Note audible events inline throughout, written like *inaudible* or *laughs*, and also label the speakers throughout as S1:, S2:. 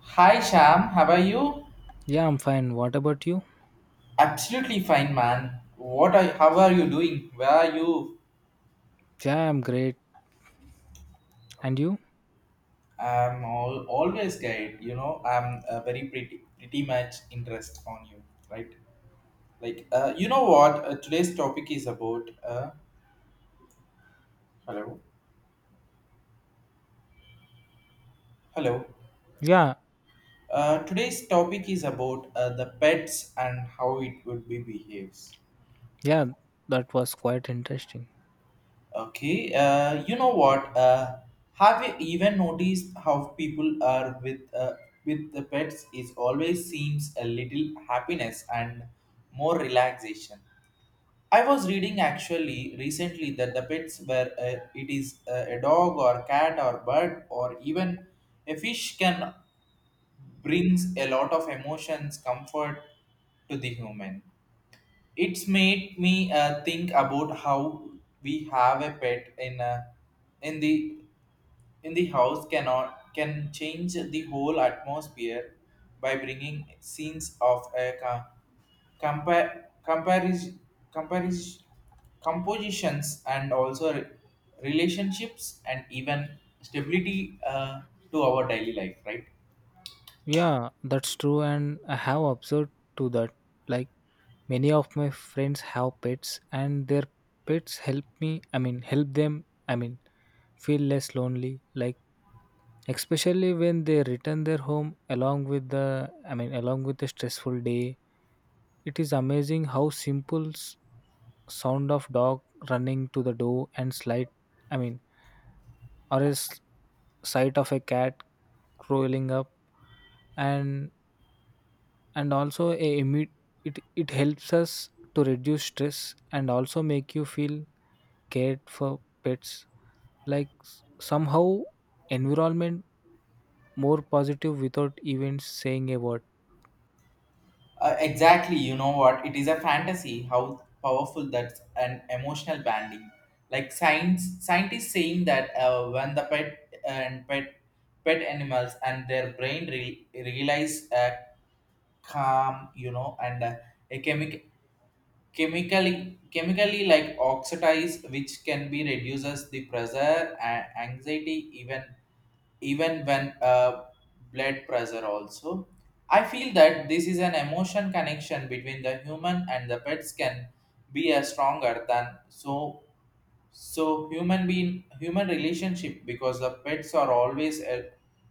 S1: Hi Sham, how are you?
S2: Yeah, I'm fine. What about you?
S1: Absolutely fine, man. What are how are you doing? Where are you?
S2: Yeah, I'm great. And you?
S1: Always guide. You know, I'm very pretty much interest on you, right? Like, you know what? Today's topic is about. Hello, hello.
S2: Yeah,
S1: Today's topic is about the pets and how it would be behaves.
S2: yeah, that was quite interesting.
S1: Okay, you know what? Have you even noticed how people are with the pets? Is always seems a little happiness and more relaxation. I was reading actually recently that the pets were it is a dog or cat or bird or even a fish can brings a lot of emotions comfort to the human it's made me think about how we have a pet in a, in the in the house cannot can change the whole atmosphere by bringing scenes of a ca- compa- comparis- comparis- compositions and also relationships and even stability, to our daily life, right?
S2: Yeah, that's true, and I have observed to that. Like many of my friends have pets, and their pets help me. Help them. Feel less lonely. Like especially when they return their home along with the along with a stressful day, it is amazing how simple sound of dog running to the door and slight i mean or a sight of a cat crawling up, and also a it helps us to reduce stress and also make you feel cared for. Pets, like somehow, environment more positive without even saying a word.
S1: Exactly, you know what? It is a fantasy how powerful that's an emotional banding. Like scientists saying that when the pet animals and their brain realize calm, you know, and a chemically like oxidize, which can be reduces the pressure and anxiety, even even when, blood pressure also. I feel that this is an emotion connection between the human and the pets can be as stronger than so human being human relationship because the pets are always a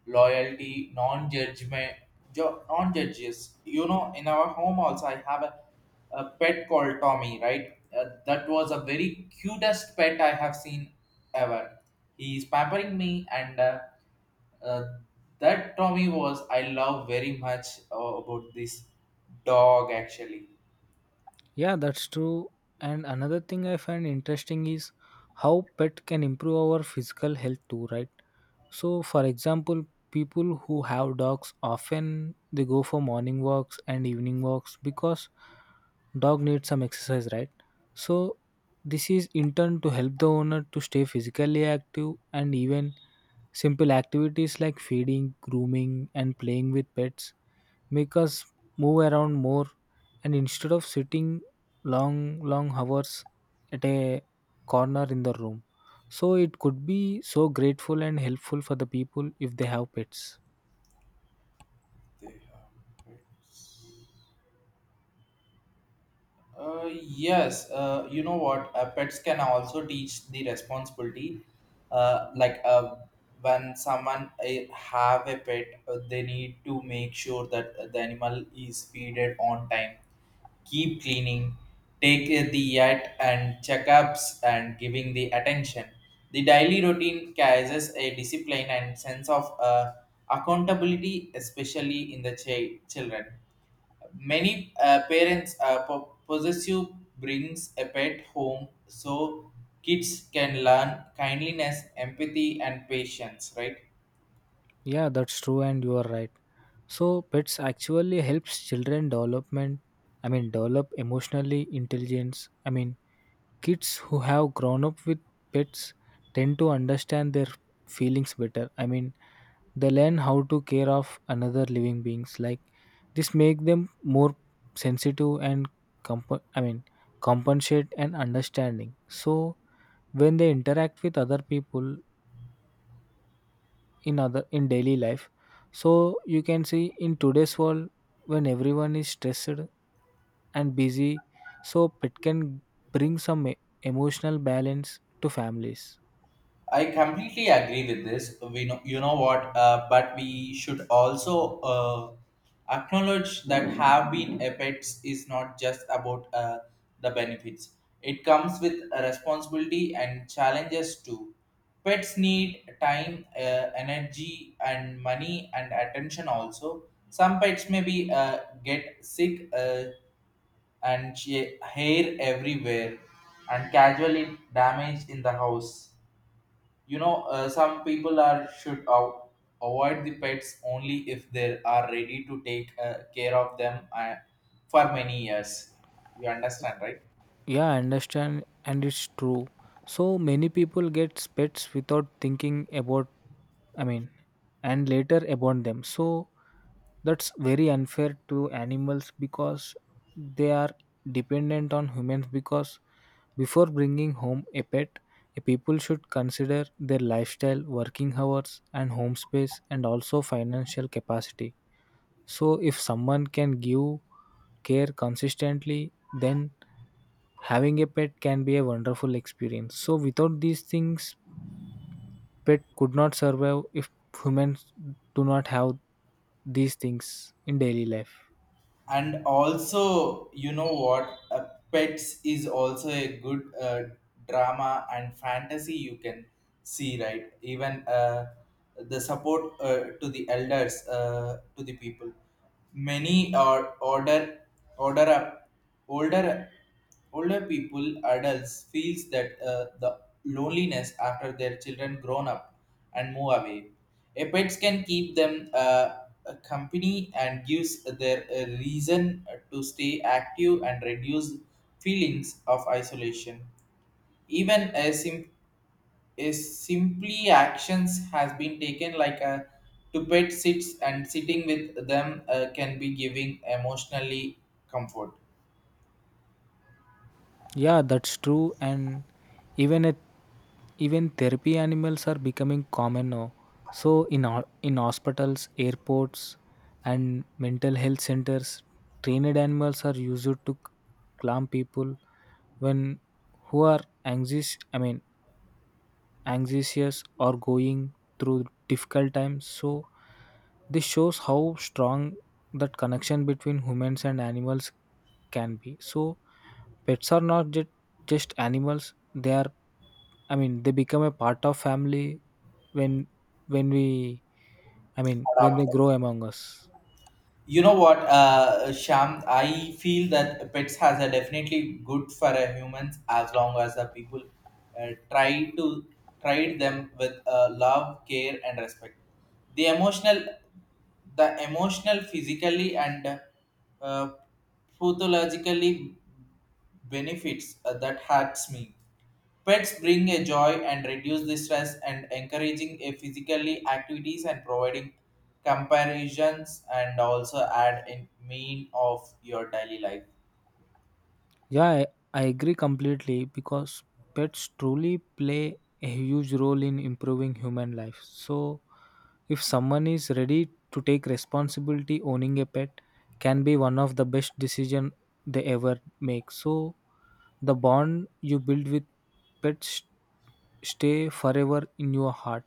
S1: loyalty non-judgment non-judges. You know, in our home also I have a pet called Tommy, right? That was a very cutest pet I have seen ever. He is pampering me, and uh, that Tommy was I love very much, about this dog actually.
S2: Yeah, that's true. And another thing I find interesting is how pet can improve our physical health too, right? So, for example, people who have dogs often they go for morning walks and evening walks because dog needs some exercise, right? So, this is in turn to help the owner to stay physically active, and even simple activities like feeding, grooming and playing with pets make us move around more, and instead of sitting long hours at a corner in the room. So it could be so grateful and helpful for the people if they have pets.
S1: They have pets. Yes, you know what? Pets can also teach the responsibility. Like, when someone have a pet, they need to make sure that the animal is feeded on time, keep cleaning, take the yet and checkups and giving the attention. The daily routine carries a discipline and sense of accountability, especially in the children. Many parents possessive brings a pet home so kids can learn kindliness, empathy, and patience, right?
S2: Yeah, that's true, and you are right. So pets actually helps children development. I mean develop emotionally intelligence. I mean kids who have grown up with pets tend to understand their feelings better. I mean they learn how to care of another living beings. Like this make them more sensitive and comp- i mean compensate and understanding, so when they interact with other people in other in daily life. So you can see in today's world, when everyone is stressed and busy, so pet can bring some emotional balance to families.
S1: I completely agree with this. We know, you know what, but we should also acknowledge that have been effects is not just about the benefits. It comes with a responsibility and challenges too. Pets need time, energy, and money and attention also. Some pets maybe get sick, and hair everywhere and casually damage in the house. You know, some people are should avoid the pets only if they are ready to take care of them, for many years. You understand, right?
S2: Yeah, I understand, and it's true. So many people get pets without thinking about, I mean, and later abandon them. So that's very unfair to animals because they are dependent on humans. Because before bringing home a pet, a people should consider their lifestyle, working hours, and home space, and also financial capacity. So if someone can give care consistently, then having a pet can be a wonderful experience. So, without these things, pet could not survive if humans do not have these things in daily life.
S1: And also you know what, pets is also a good, drama and fantasy you can see, right? Even the support, to the elders, to the people. Many or order order up older older people, adults, feels that the loneliness after their children grown up and move away. A pets can keep them, a company and gives their a reason to stay active and reduce feelings of isolation. Even a simply actions has been taken like a to pet sits and sitting with them, can be giving emotionally comfort.
S2: Yeah, that's true. And even at even therapy animals are becoming common now. So in in hospitals, airports, and mental health centers, trained animals are used to calm people when who are anxious. Anxious or going through difficult times. So this shows how strong that connection between humans and animals can be. So pets are not just, just animals. They are, I mean they become a part of family when we, when they
S1: Adapt.
S2: grow among us.
S1: You know what, Sham? I feel that pets has a definitely good for a humans as long as the people try to treat them with, love, care, and respect. The emotional, the emotional, physically, and uh, pathologically benefits that hurts me. Pets bring a joy and reduce the stress and encouraging a physically activities and providing comparisons and also add in mean of your daily life.
S2: Yeah, I agree completely because pets truly play a huge role in improving human life. So, if someone is ready to take responsibility, owning a pet can be one of the best decision they ever make. So, the bond you build with pets stay forever in your heart.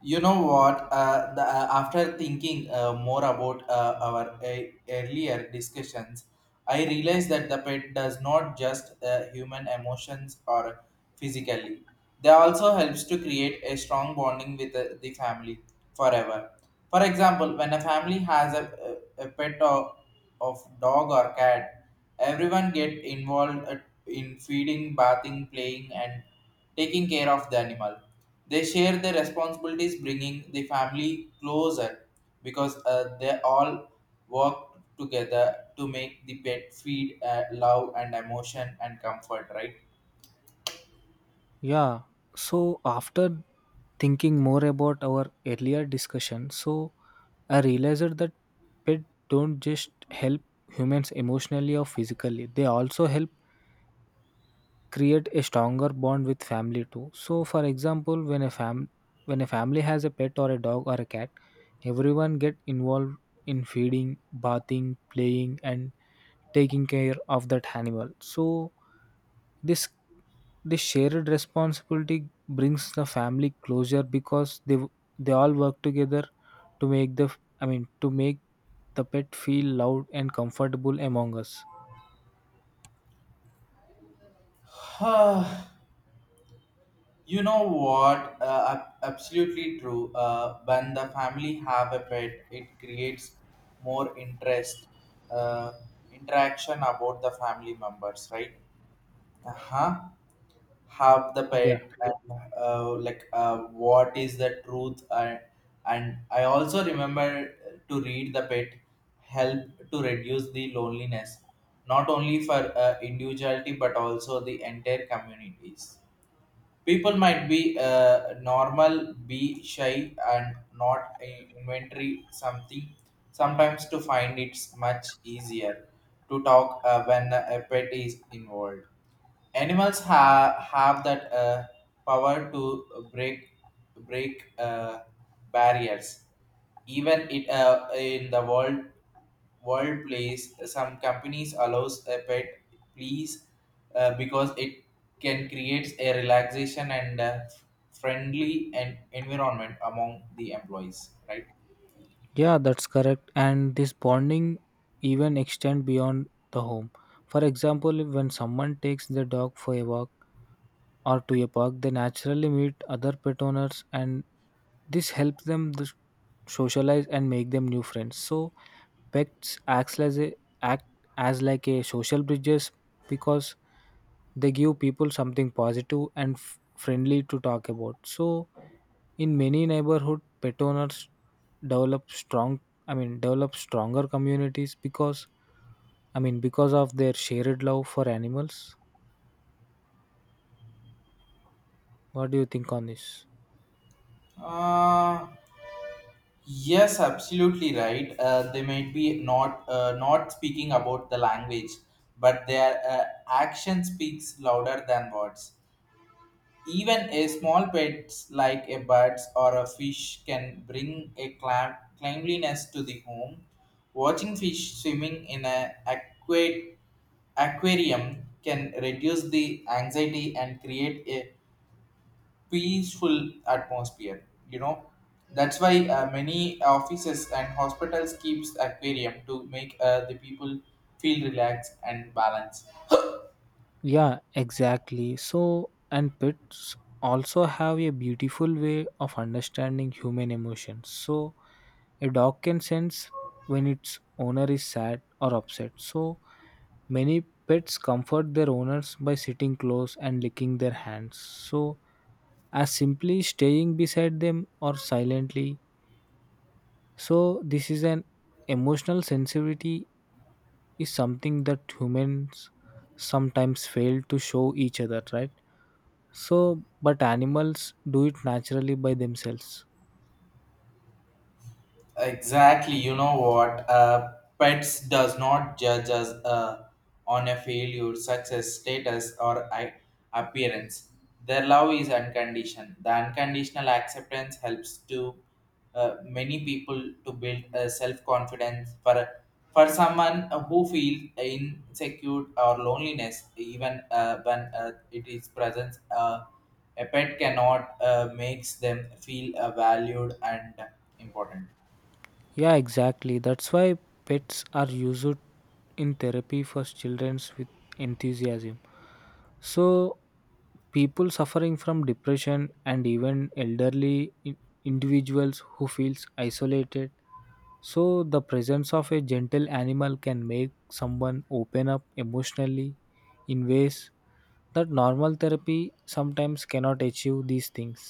S1: You know what? After thinking more about our earlier discussions, I realized that the pet does not just human emotions or physically. They also helps to create a strong bonding with the family forever. For example, when a family has a pet of dog or cat, everyone get involved, in feeding, bathing, playing, and taking care of the animal. They share their responsibilities, bringing the family closer because they all work together to make the pet feed, love and emotion and comfort, right?
S2: Yeah. So after thinking more about our earlier discussion, so I realized that pets don't just help humans emotionally or physically. They also help create a stronger bond with family too. So for example, when a family has a pet or a dog or a cat, everyone get involved in feeding, bathing, playing and taking care of that animal. So this this shared responsibility brings the family closure because they all work together to make the, to make the pet feel loved and comfortable among us.
S1: *sighs* Ah, you know what? Absolutely true. When the family have a pet, it creates more interest, uh, interaction about the family members, right? Uh huh. Have the
S2: Yeah.
S1: pet and like, what is the truth? And I also remember to read the pet help to reduce the loneliness not only for individuality but also the entire communities. People might be normal be shy and not a inventory something sometimes to find it's much easier to talk when a pet is involved. Animals have that, power to break barriers. Even it, in the world place, some companies allows a pet please, because it can create a relaxation and, friendly and environment among the employees. Right.
S2: Yeah, that's correct. And this bonding even extend beyond the home. For example, when someone takes the dog for a walk or to a park, they naturally meet other pet owners, and this helps them to socialize and make them new friends. So pets acts as a, act as like a social bridges, because they give people something positive and friendly to talk about. So in many neighborhood, pet owners develop strong, develop stronger communities because, because of their shared love for animals. What do you think on this?
S1: Uh, Yes, absolutely right. They might be not, not speaking about the language, but their, action speaks louder than words. Even a small pets like a bird or a fish can bring a cleanliness to the home. Watching fish swimming in an aquarium can reduce the anxiety and create a peaceful atmosphere, you know. That's why, many offices and hospitals keeps aquarium to make, the people feel relaxed and balanced.
S2: Yeah, exactly. So, and pets also have a beautiful way of understanding human emotions. So, a dog can sense when its owner is sad or upset. So, many pets comfort their owners by sitting close and licking their hands. So, as simply staying beside them or silently. So, this is an emotional sensitivity is something that humans sometimes fail to show each other, right? So, but animals do it naturally by themselves.
S1: Exactly. You know what? Pets does not judge us, on a failure, success, status, or appearance. Their love is unconditioned. The unconditional acceptance helps to, many people to build a self-confidence. For someone who feels insecure or loneliness, even when it is present, a pet cannot makes them feel valued and important.
S2: Yeah, exactly. That's why pets are used in therapy for children with enthusiasm. So, people suffering from depression and even elderly individuals who feels isolated. So, the presence of a gentle animal can make someone open up emotionally in ways that normal therapy sometimes cannot achieve these things.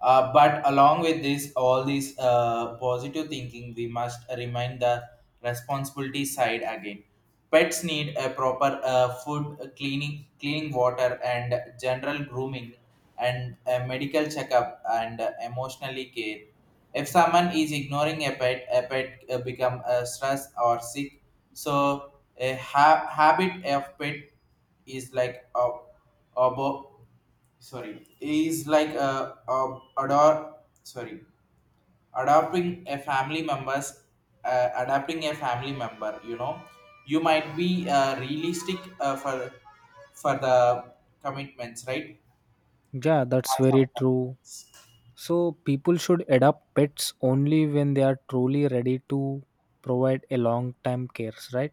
S1: But along with this, all these positive thinking, we must remind the responsibility side again. Pets need a proper, food, cleaning, clean water, and general grooming, and a medical checkup and, emotionally care. If someone is ignoring a pet become stressed or sick. So a habit of pet is like a, abo- sorry is like ador sorry adopting a family members, adapting a family member, you know. You might be, realistic, for the commitments, right?
S2: Yeah, that's
S1: Have
S2: very
S1: some
S2: true.
S1: commitments.
S2: So, people should adopt pets only when they are truly ready to provide a long time cares, right?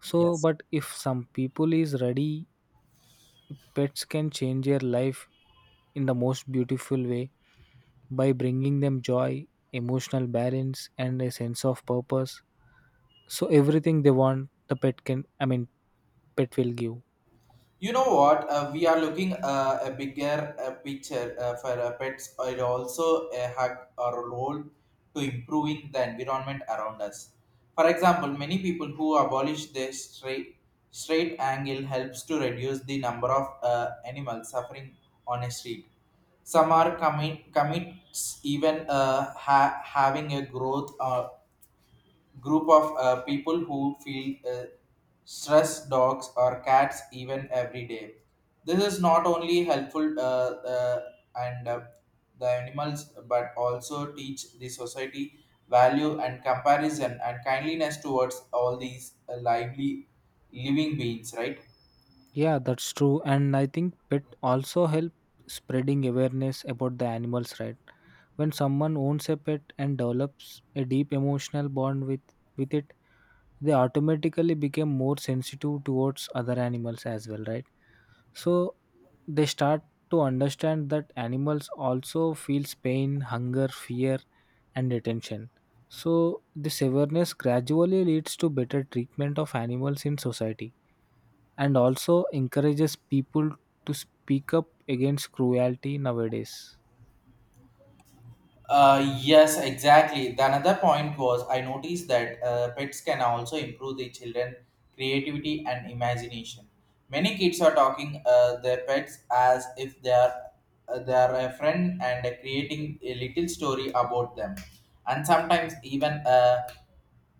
S2: So,
S1: Yes.
S2: but if some people is ready, pets can change their life in the most beautiful way by bringing them joy, emotional balance, and a sense of purpose. So everything they want, the pet can. Pet will give.
S1: You know what? We are looking, a bigger, picture, for, pets are also a hug or role to improving the environment around us. For example, many people who abolish the straight angle helps to reduce the number of, animals suffering on a street. Some are commits even, having a growth, group of, people who feel, stress dogs or cats even every day. This is not only helpful, and the animals but also teach the society value and comparison and kindliness towards all these, lively living beings, right?
S2: Yeah, that's true, and I think pet also help spreading awareness about the animals, right? When someone owns a pet and develops a deep emotional bond with it, they automatically become more sensitive towards other animals as well, right? So they start to understand that animals also feels pain, hunger, fear and attention. So this awareness gradually leads to better treatment of animals in society and also encourages people to speak up against cruelty nowadays.
S1: Yes, exactly. The another point was I noticed that, pets can also improve the children creativity and imagination. Many kids are talking, their pets as if they are a friend and creating a little story about them, and sometimes even,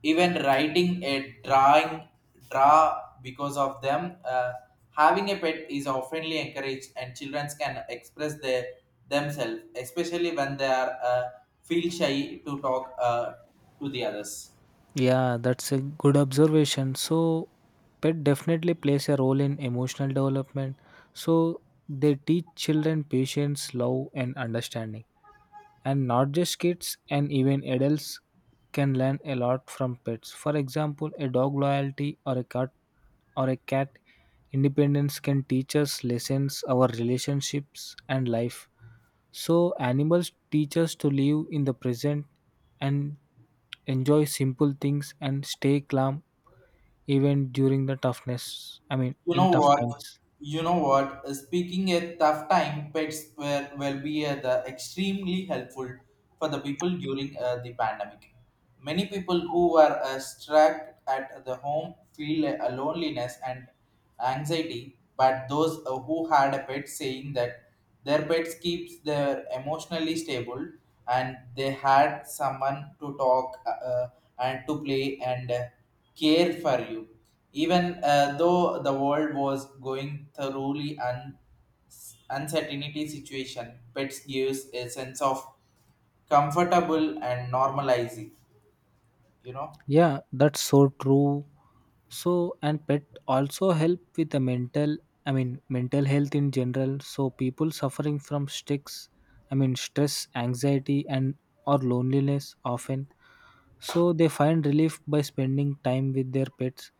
S1: even writing a drawing draw because of them. Having a pet is oftenly encouraged and children can express their themselves, especially when they are, feel shy to talk, to the others.
S2: Yeah, that's a good observation. So pet definitely plays a role in emotional development. So they teach children patience, love and understanding. And not just kids and even adults can learn a lot from pets. For example, a dog loyalty or a cat or a cat independence can teach us lessons our relationships and life. So animals teach us to live in the present and enjoy simple things and stay calm even during the toughness,
S1: you
S2: in
S1: know
S2: tough
S1: what
S2: times.
S1: you know what speaking a tough time, pets will be, the extremely helpful for the people during, the pandemic. Many people who were, stuck at the home feel a loneliness and anxiety, but those, who had a pet saying that their pets keeps their emotionally stable, and they had someone to talk, and to play and, care for you. Even though the world was going thoroughly uncertainty situation, pets gives a sense of comfortable and normalizing, you know.
S2: Yeah, that's so true. So, and pet also help with the mental, mental health in general. So, people suffering from sticks, stress, anxiety, and or loneliness often. So, they find relief by spending time with their pets.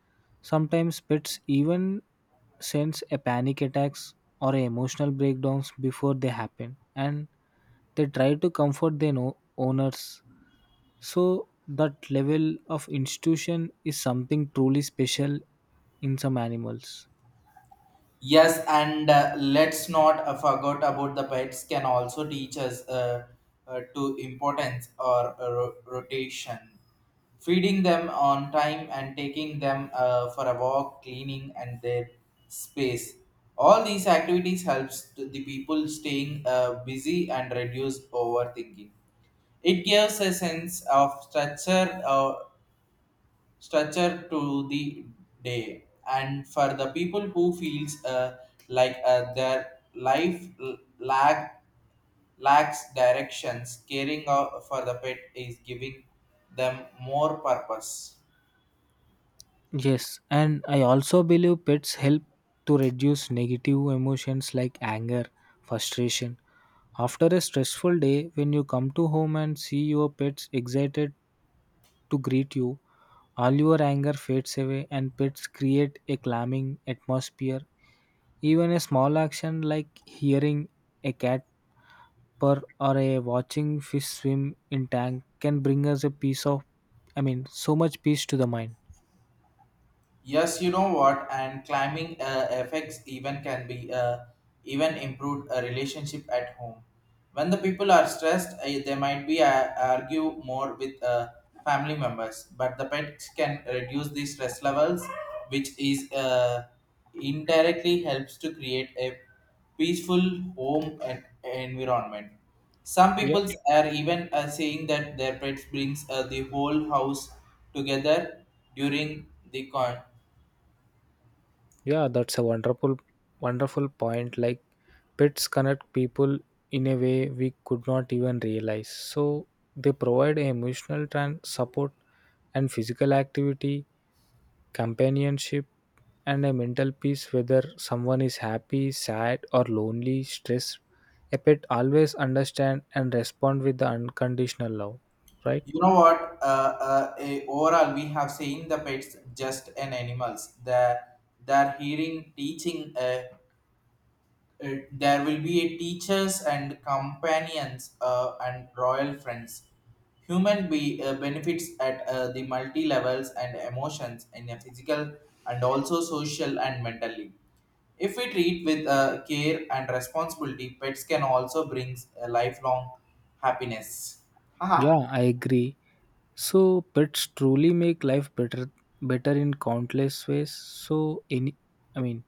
S2: Sometimes pets even sense a panic attacks or emotional breakdowns before they happen, and they try to comfort their owners. So that level of institution is something truly special in some animals.
S1: Yes, and, let's not, forget about the pets can also teach us, to importance or, rotation. Feeding them on time and taking them, for a walk, cleaning and their space. All these activities helps to the people staying, busy and reduce overthinking. It gives a sense of structure to the day, and for the people who feels, like, their life lacks directions. Caring out for the pet is giving them more purpose.
S2: Yes, and I also believe pets help to reduce negative emotions like anger, frustration. After a stressful day, when you come to home and see your pets excited to greet you, all your anger fades away and pets create a calming atmosphere. Even a small action like hearing a cat per or a watching fish swim in tank can bring us a piece of, so much peace to the mind.
S1: Yes, you know what, and climbing, effects even can be, even improved a relationship at home. When the people are stressed, they might be argue more with family members, but the pets can reduce the stress levels, which is indirectly helps to create a peaceful home and environment. Some
S2: Yeah,
S1: people are even saying that their pets brings the whole house together during the con-
S2: yeah, that's a wonderful point. Like pets connect people in a way we could not even realize. So they provide emotional support and physical activity, companionship, and a mental peace. Whether someone is happy, sad or lonely, stressed, a pet always understand and respond with the unconditional love, right?
S1: you know what? Overall, we have seen the pets just an animals. The their hearing, teaching. There will be a teachers and companions and royal friends. Human be benefits at the multi levels and emotions in a physical and also social and mentally. If we treat with care and responsibility, pets can also bring a lifelong happiness.
S2: Yeah,
S1: Haha.
S2: I agree. So pets truly make life better in countless ways. So any, i mean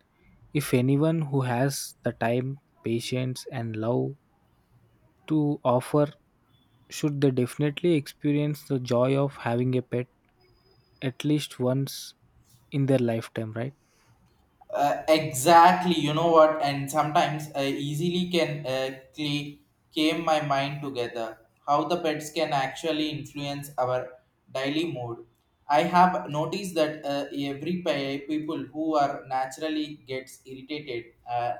S2: if anyone who has the time, patience and love to offer should they definitely experience the joy of having a pet at least once in their lifetime, right?
S1: Exactly, you know what? And sometimes I easily can came my mind together. How the pets can actually influence our daily mood. I have noticed that people who are naturally gets irritated.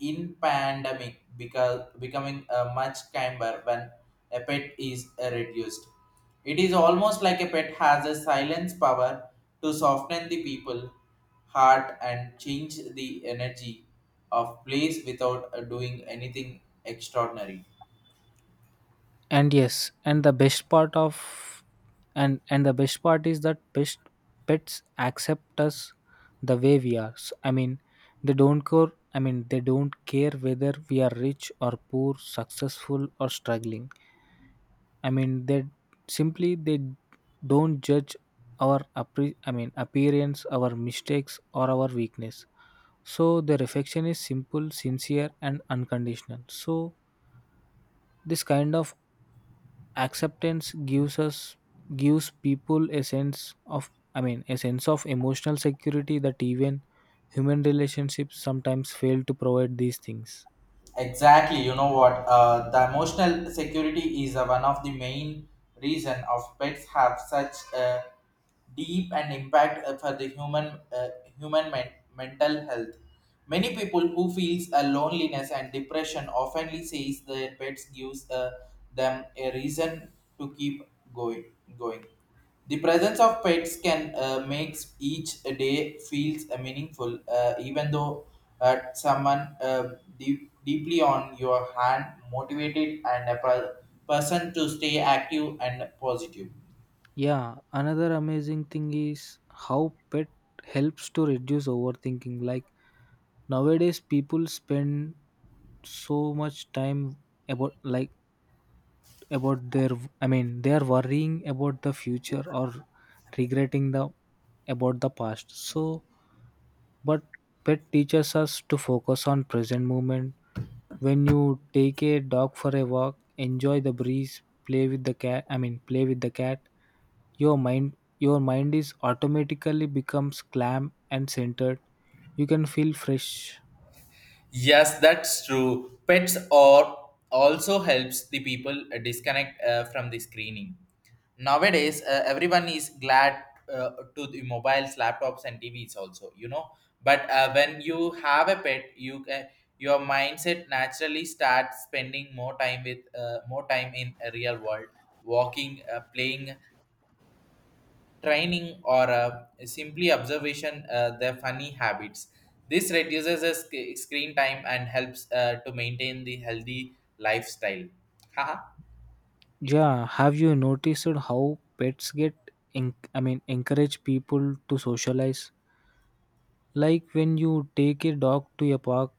S1: In pandemic because becoming much kinder when a pet is reduced. It is almost like a pet has a silence power to soften the people heart and change the energy of place without doing anything extraordinary.
S2: And yes, and the best part is that best pets accept us the way we are. They don't care, they don't care whether we are rich or poor, successful or struggling. I mean, they simply they don't judge our appearance, our mistakes, or our weakness. So the reflection is simple, sincere, and unconditional. So this kind of acceptance gives people a sense of, a sense of emotional security that even human relationships sometimes fail to provide these things.
S1: Exactly, you know what? The emotional security is one of the main reason of pets have such a deep and impact for the human mental health. Many people who feels a loneliness and depression often says their pets gives them a reason to keep going going. The presence of pets can make each day feels meaningful, even though someone deeply on your hand motivated and a person to stay active and positive.
S2: Yeah, another amazing thing is how pet helps to reduce overthinking. Like nowadays, people spend so much time about like about their, they are worrying about the future or regretting the about the past. So, but pet teaches us to focus on present moment. When you take a dog for a walk, enjoy the breeze, play with the cat. Play with the cat. Your mind is automatically becomes calm and centered. You can feel fresh.
S1: Yes, that's true. Pets or also helps the people disconnect from the screening. Nowadays, everyone is glad to the mobiles, laptops, and TVs also. You know, but when you have a pet, you can your mindset naturally starts spending more time in a real world, walking, playing, training, or simply observation their funny habits. This reduces the screen time and helps to maintain the healthy lifestyle. Haha.
S2: Yeah, have you noticed how pets get encourage people to socialize? Like when you take a dog to a park,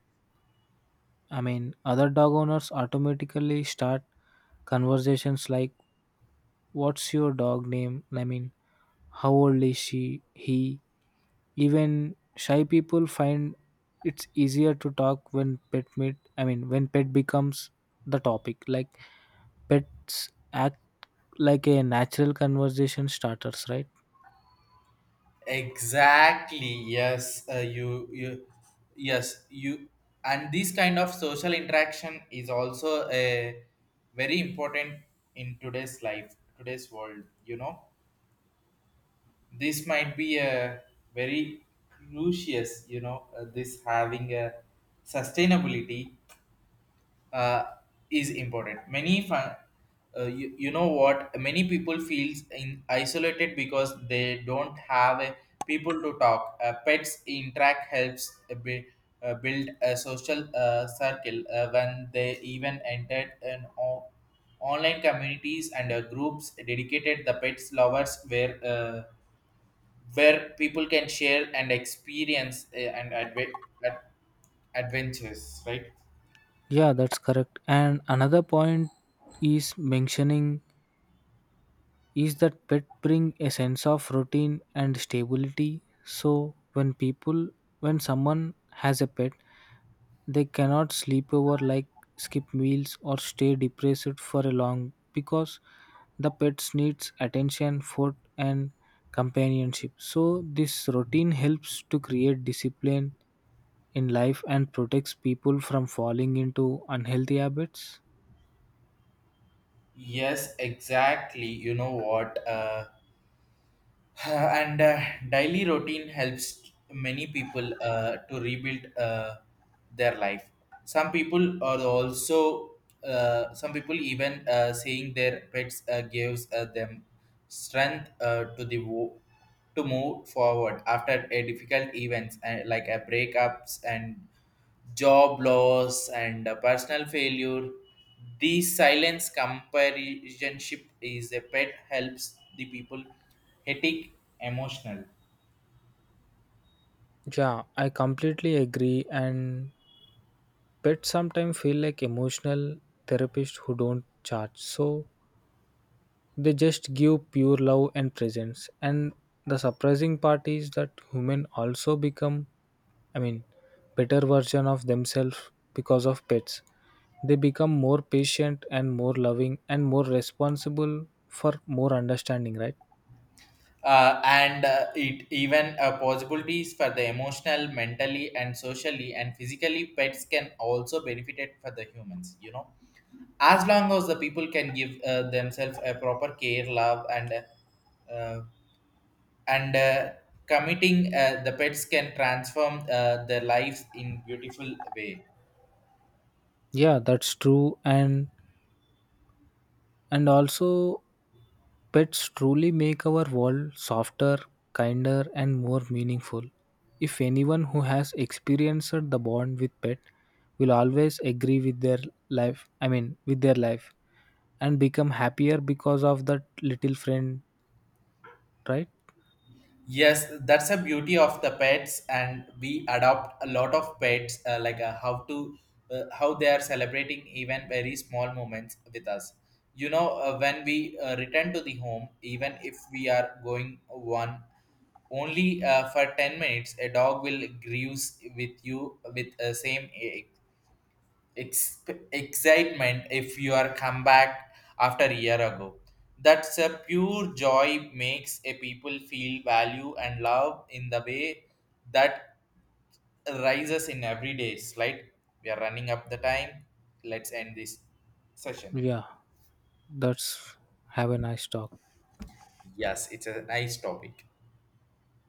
S2: other dog owners automatically start conversations like what's your dog name? How old is she? He, even shy people find it's easier to talk when pet meet I mean when pet becomes the topic. Like pets act like a natural conversation starters, right?
S1: Exactly. Yes. You. You. Yes. You. And this kind of social interaction is also a very important in today's world. You know, this might be a very crucial, you know, this having a sustainability uh, is important many fun, you know what, many people feels in isolated because they don't have a people to talk, pets interact helps a bit build a social circle when they even entered online communities and groups dedicated the pets lovers were where people can share and experience and ad- adventures, right?
S2: Yeah, that's correct and another point is mentioning is that pet bring a sense of routine and stability. So when someone has a pet they cannot sleep over, like skip meals or stay depressed for a long, because the pets needs attention, food and companionship. So this routine helps to create discipline in life and protects people from falling into unhealthy habits?
S1: Yes, exactly, you know what, *laughs* *sighs* and daily routine helps many people to rebuild their life. Some people are also some people even saying their pets gives them strength to move forward after a difficult events and like a breakups and job loss and personal failure. This silence companionship is a pet helps the people headache emotional.
S2: Yeah, I completely agree. And pets sometimes feel like emotional therapists who don't charge. So they just give pure love and presence. And the surprising part is that human also become, I mean, better version of themselves because of pets. They become more patient and more loving and more responsible for more understanding, right?
S1: And It even possibilities for the emotional, mentally, and socially and physically pets can also benefit it for the humans. You know, as long as the people can give themselves a proper care, love, uh, and committing the pets can transform their lives in beautiful way.
S2: Yeah, that's true. And also, pets truly make our world softer, kinder, and more meaningful. If anyone who has experienced the bond with pet will always agree with their life, with their life, and become happier because of that little friend, right?
S1: Yes, that's a beauty of the pets and we adopt a lot of pets, how they are celebrating even very small moments with us, you know, when we return to the home even if we are going one only for 10 minutes, a dog will grease with you with same ex- excitement if you are come back after a year ago. That's a pure joy makes a people feel value and love in the way that rises in every day. Right? We are running up the time. Let's end this session.
S2: Yeah, that's have a nice talk.
S1: Yes, it's a nice topic.